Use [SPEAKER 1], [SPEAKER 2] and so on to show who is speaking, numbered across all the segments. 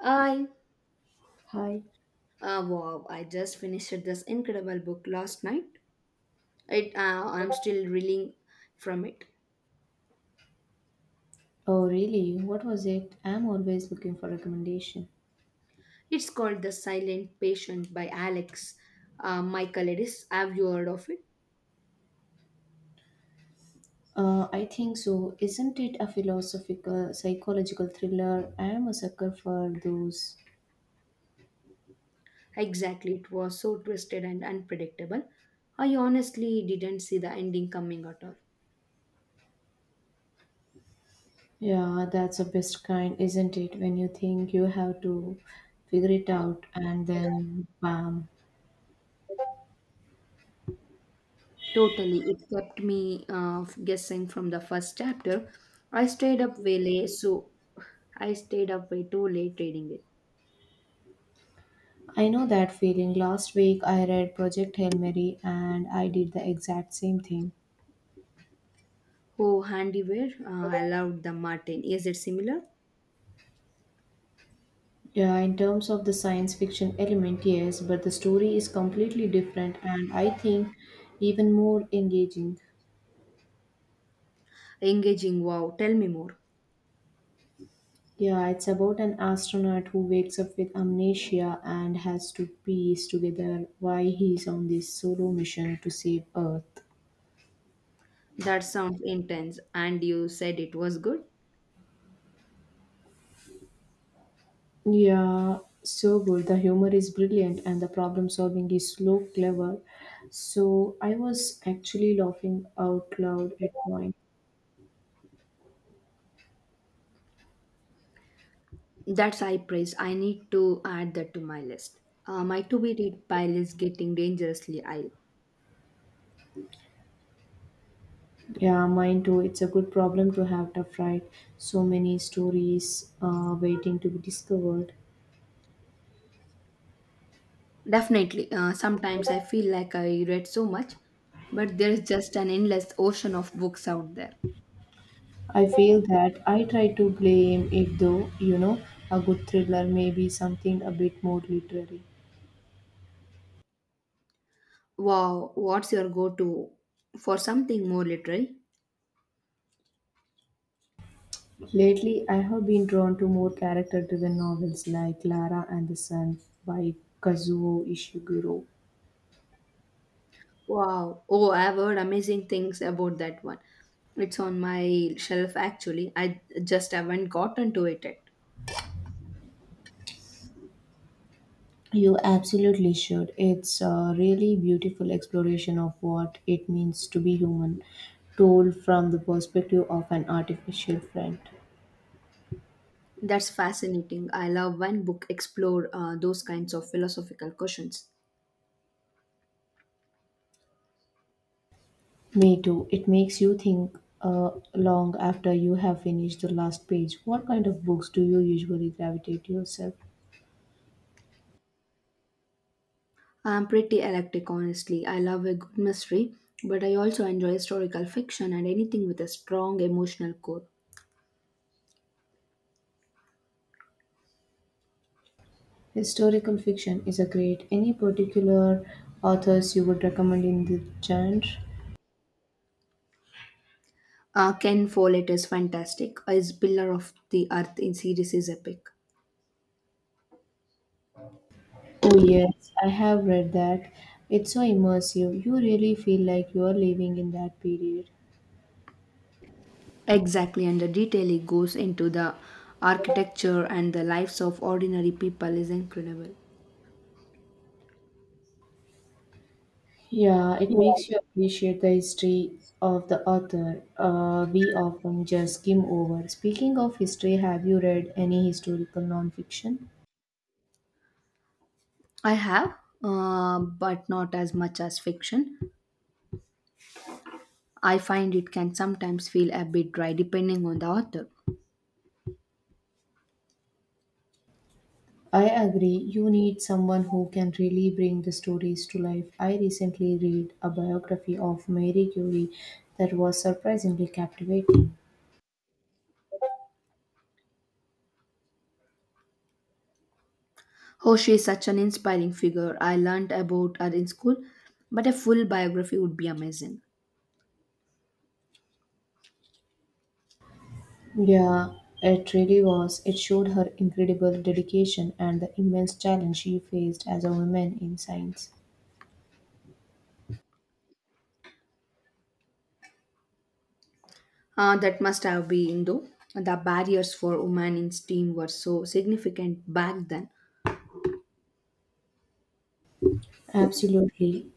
[SPEAKER 1] I
[SPEAKER 2] Hi.
[SPEAKER 1] Wow! I just finished this incredible book last night. It I'm still reeling from it.
[SPEAKER 2] Oh, really? What was it? I'm always looking for recommendation.
[SPEAKER 1] It's called The Silent Patient by Alex Michaelidis. Have you heard of it?
[SPEAKER 2] I think so. Isn't it a philosophical, psychological thriller? I am a sucker for those.
[SPEAKER 1] Exactly. It was so twisted and unpredictable. I honestly didn't see the ending coming at all.
[SPEAKER 2] Yeah, that's the best kind, isn't it? When you think you have to figure it out and then bam.
[SPEAKER 1] Totally, it kept me guessing from the first chapter. I stayed up way late, so I stayed up way too late reading it.
[SPEAKER 2] I know that feeling. Last week I read Project Hail Mary and I did the exact same thing.
[SPEAKER 1] Oh, handiware. I loved the Martin. Is it similar?
[SPEAKER 2] Yeah, in terms of the science fiction element, yes, but the story is completely different and I think even more engaging.
[SPEAKER 1] Engaging. Wow. Tell me more.
[SPEAKER 2] Yeah, it's about an astronaut who wakes up with amnesia and has to piece together why he's on this solo mission to save Earth.
[SPEAKER 1] That sounds intense. And you said it was good.
[SPEAKER 2] Yeah, so good. The humor is brilliant and the problem solving is slow, clever. So I was actually laughing out loud at point.
[SPEAKER 1] That's high praise. I need to add that to my list. My to be read pile is getting dangerously high.
[SPEAKER 2] Yeah, mine too. It's a good problem to have tough, right? So many stories waiting to be discovered.
[SPEAKER 1] Definitely. Sometimes I feel like I read so much, but there is just an endless ocean of books out there.
[SPEAKER 2] I feel that I try to blame it though, you know, a good thriller, maybe something a bit more literary.
[SPEAKER 1] Wow. What's your go to for something more literary?
[SPEAKER 2] Lately, I have been drawn to more character driven novels like Clara and the Sun by Kazuo Ishiguro.
[SPEAKER 1] Wow. Oh, I've heard amazing things about that one. It's on my shelf actually. I just haven't gotten to it yet.
[SPEAKER 2] You absolutely should. It's a really beautiful exploration of what it means to be human, told from the perspective of an artificial friend.
[SPEAKER 1] That's fascinating. I love when book explore those kinds of philosophical questions.
[SPEAKER 2] Me too. It makes you think long after you have finished the last page. What kind of books do you usually gravitate to yourself?
[SPEAKER 1] I'm pretty eclectic, honestly. I love a good mystery, but I also enjoy historical fiction and anything with a strong emotional core.
[SPEAKER 2] Historical fiction is a great. Any particular authors you would recommend in the genre?
[SPEAKER 1] Ken Follett is fantastic. His Pillar of the Earth in series is epic.
[SPEAKER 2] Oh, yes, I have read that. It's so immersive. You really feel like you are living in that period.
[SPEAKER 1] Exactly, and the detail it goes into the architecture and the lives of ordinary people is incredible.
[SPEAKER 2] Yeah, it makes you appreciate the history of the author we often just skim over. Speaking of history, have you read any historical nonfiction?
[SPEAKER 1] I have, but not as much as fiction. I find it can sometimes feel a bit dry depending on the author.
[SPEAKER 2] I agree, you need someone who can really bring the stories to life. I recently read a biography of Mary Curie that was surprisingly captivating.
[SPEAKER 1] Oh, she is such an inspiring figure. I learned about her in school, but a full biography would be amazing.
[SPEAKER 2] Yeah, it really was. It showed her incredible dedication and the immense challenge she faced as a woman in science.
[SPEAKER 1] That must have been, though. The barriers for women in STEAM were so significant back then.
[SPEAKER 2] Absolutely.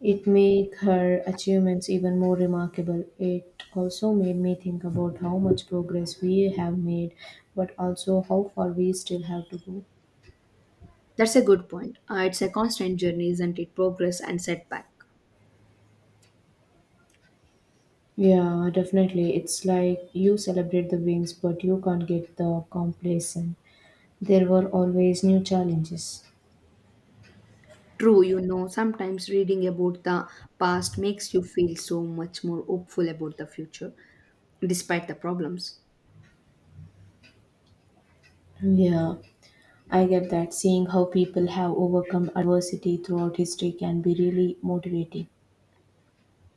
[SPEAKER 2] It made her achievements even more remarkable. It also made me think about how much progress we have made, but also how far we still have to go.
[SPEAKER 1] That's a good point. It's a constant journey, isn't it? Progress and setback.
[SPEAKER 2] Yeah, definitely. It's like you celebrate the wins, but you can't get the complacent. There were always new challenges.
[SPEAKER 1] True, you know, sometimes reading about the past makes you feel so much more hopeful about the future, despite the problems.
[SPEAKER 2] Yeah, I get that. Seeing how people have overcome adversity throughout history can be really motivating.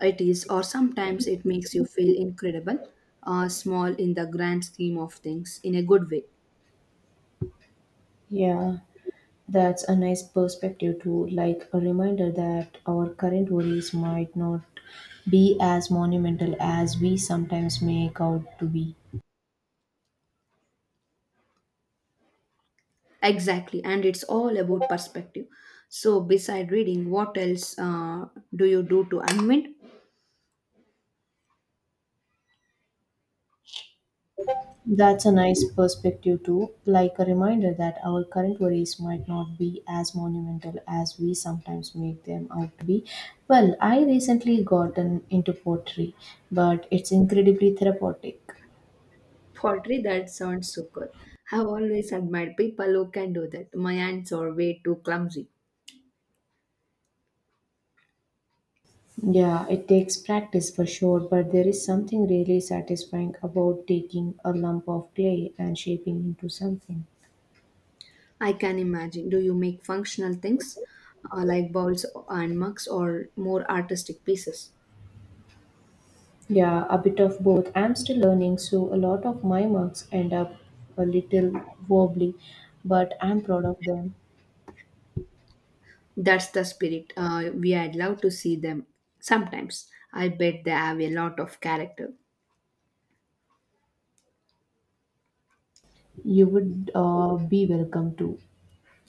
[SPEAKER 1] It is, or sometimes it makes you feel incredible, small in the grand scheme of things, in a good way.
[SPEAKER 2] Yeah, that's a nice perspective too, like a reminder that our current worries might not be as monumental as we sometimes make out to be.
[SPEAKER 1] Exactly, and it's all about perspective. So, beside reading, what else do you do to unwind?
[SPEAKER 2] That's a nice perspective too, like a reminder that our current worries might not be as monumental as we sometimes make them out to be. Well, I recently gotten into pottery, but it's incredibly therapeutic.
[SPEAKER 1] Pottery, that sounds so good. I've always admired people who can do that. My hands are way too clumsy.
[SPEAKER 2] Yeah, it takes practice for sure, but there is something really satisfying about taking a lump of clay and shaping into something.
[SPEAKER 1] I can imagine. Do you make functional things like bowls and mugs or more artistic pieces?
[SPEAKER 2] Yeah, a bit of both. I'm still learning, so a lot of my marks end up a little wobbly, but I'm proud of them.
[SPEAKER 1] That's the spirit. We would love to see them sometimes. I bet they have a lot of character.
[SPEAKER 2] You would be welcome to.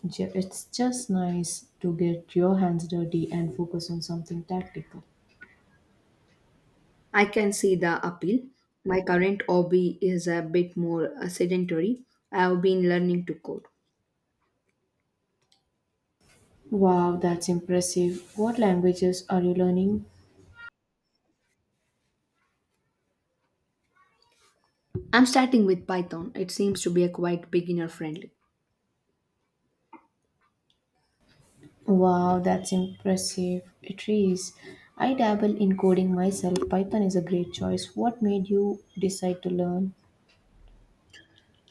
[SPEAKER 2] It's just nice to get your hands dirty and focus on something tactical.
[SPEAKER 1] I can see the appeal. My current hobby is a bit more sedentary. I've been learning to code.
[SPEAKER 2] Wow, that's impressive. What languages are you learning?
[SPEAKER 1] I'm starting with Python. It seems to be a quite beginner friendly.
[SPEAKER 2] Wow, that's impressive. It is. I dabble in coding myself. Python is a great choice. What made you decide to learn?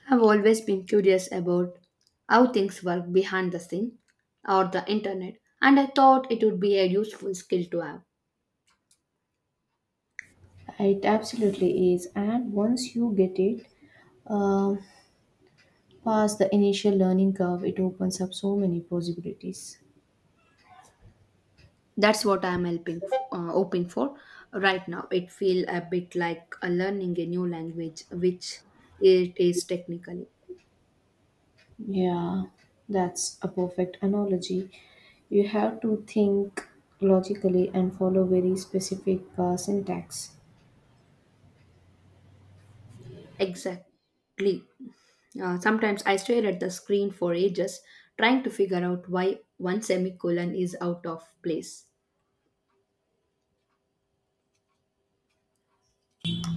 [SPEAKER 1] I've always been curious about how things work behind the scene or the internet, and I thought it would be a useful skill to have.
[SPEAKER 2] It absolutely is. And once you get it, uh, past the initial learning curve, it opens up so many possibilities.
[SPEAKER 1] That's what I'm hoping for right now. It feels a bit like a learning a new language, which it is technically.
[SPEAKER 2] Yeah, that's a perfect analogy. You have to think logically and follow very specific syntax.
[SPEAKER 1] Exactly. Sometimes I stare at the screen for ages, trying to figure out why one semicolon is out of place.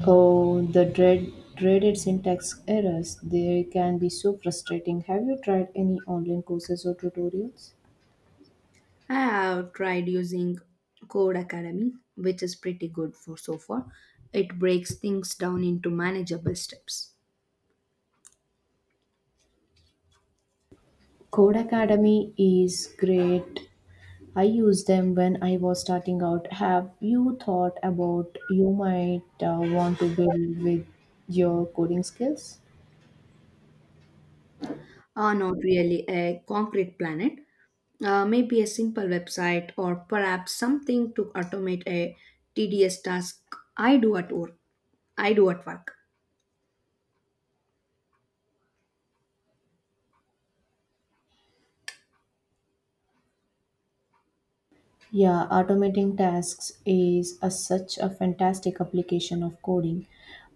[SPEAKER 2] Oh, the dreaded syntax errors. They can be so frustrating. Have you tried any online courses or tutorials?
[SPEAKER 1] I have tried using Code Academy, which is pretty good for so far. It breaks things down into manageable steps.
[SPEAKER 2] Code Academy is great. I used them when I was starting out. Have you thought about you might want to build with your coding skills?
[SPEAKER 1] Not really a concrete planet, maybe a simple website or perhaps something to automate a tedious task I do at work.
[SPEAKER 2] Yeah, automating tasks is a, such a fantastic application of coding.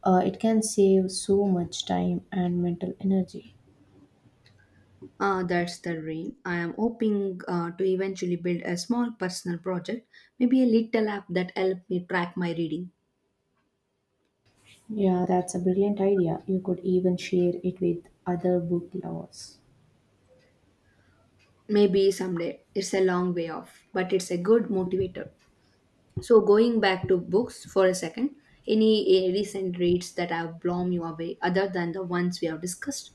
[SPEAKER 2] It can save so much time and mental energy.
[SPEAKER 1] That's the dream. I am hoping to eventually build a small personal project, maybe a little app that help me track my reading.
[SPEAKER 2] Yeah, that's a brilliant idea. You could even share it with other book lovers.
[SPEAKER 1] Maybe someday. It's a long way off, but it's a good motivator. So, going back to books for a second, any recent reads that have blown you away other than the ones we have discussed?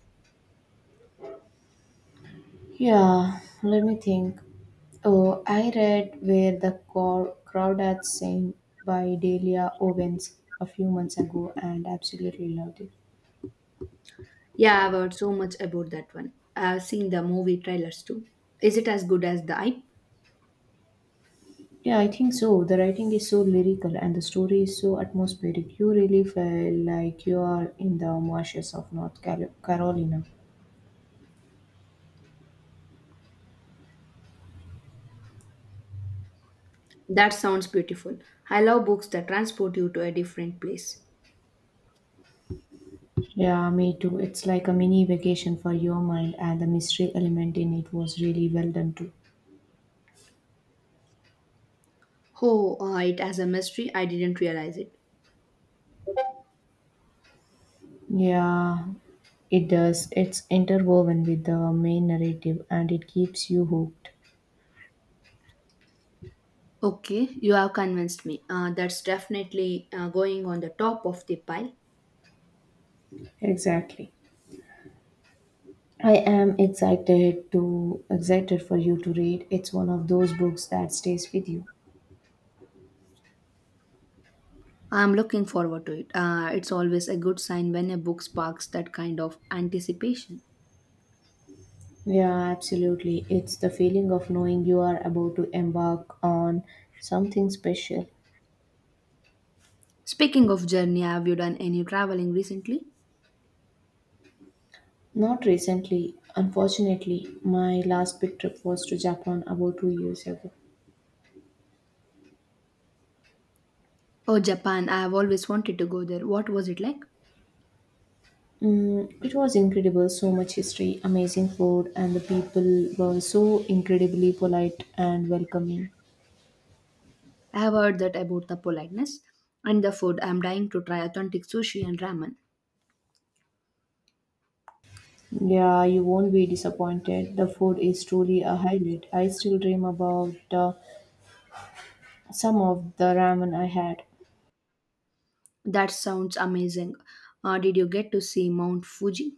[SPEAKER 2] Yeah, let me think. Oh, I read Where the Crawdads Sing by Delia Owens a few months ago and absolutely loved it.
[SPEAKER 1] Yeah, I've heard so much about that one. I've seen the movie trailers too. Is it as good as the hype?
[SPEAKER 2] Yeah, I think so. The writing is so lyrical and the story is so atmospheric. You really feel like you are in the marshes of North Carolina.
[SPEAKER 1] That sounds beautiful. I love books that transport you to a different place.
[SPEAKER 2] Yeah, me too. It's like a mini vacation for your mind, and the mystery element in it was really well done too.
[SPEAKER 1] Oh, it has a mystery. I didn't realize it.
[SPEAKER 2] Yeah, it does. It's interwoven with the main narrative and it keeps you hooked.
[SPEAKER 1] Okay, you have convinced me. That's definitely going on the top of the pile.
[SPEAKER 2] Exactly. I am excited to excited for you to read. It's one of those books that stays with you.
[SPEAKER 1] I'm looking forward to it. It's always a good sign when a book sparks that kind of anticipation.
[SPEAKER 2] Yeah, absolutely. It's the feeling of knowing you are about to embark on something special.
[SPEAKER 1] Speaking of journey, have you done any traveling recently?
[SPEAKER 2] Not recently, unfortunately, my last big trip was to Japan about 2 years ago.
[SPEAKER 1] Oh, Japan, I have always wanted to go there. What was it like?
[SPEAKER 2] It was incredible, so much history, amazing food, and the people were so incredibly polite and welcoming.
[SPEAKER 1] I have heard that about the politeness and the food. I'm dying to try authentic sushi and ramen.
[SPEAKER 2] Yeah, you won't be disappointed. The food is truly a highlight. I still dream about some of the ramen I had.
[SPEAKER 1] That sounds amazing. Did you get to see Mount Fuji?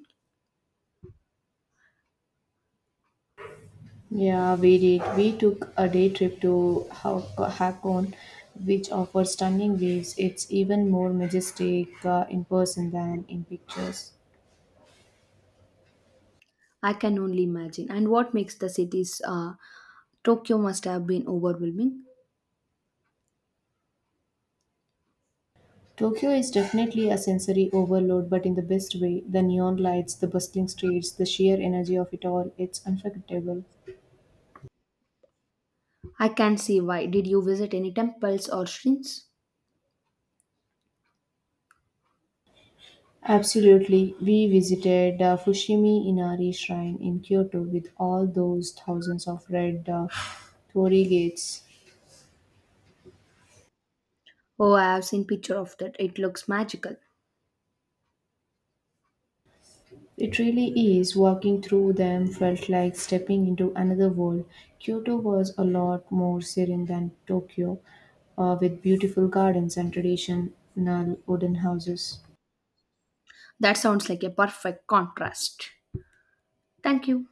[SPEAKER 2] Yeah, we did. We took a day trip to Hakone, which offers stunning views. It's even more majestic in person than in pictures.
[SPEAKER 1] I can only imagine. And what makes the cities Tokyo must have been overwhelming.
[SPEAKER 2] Tokyo is definitely a sensory overload, but in the best way. The neon lights, the bustling streets, the sheer energy of it all, it's unforgettable.
[SPEAKER 1] I can see why. Did you visit any temples or shrines?
[SPEAKER 2] Absolutely. We visited Fushimi Inari Shrine in Kyoto with all those thousands of red torii gates.
[SPEAKER 1] Oh, I have seen picture of that. It looks magical.
[SPEAKER 2] It really is. Walking through them felt like stepping into another world. Kyoto was a lot more serene than Tokyo, with beautiful gardens and traditional wooden houses.
[SPEAKER 1] That sounds like a perfect contrast. Thank you.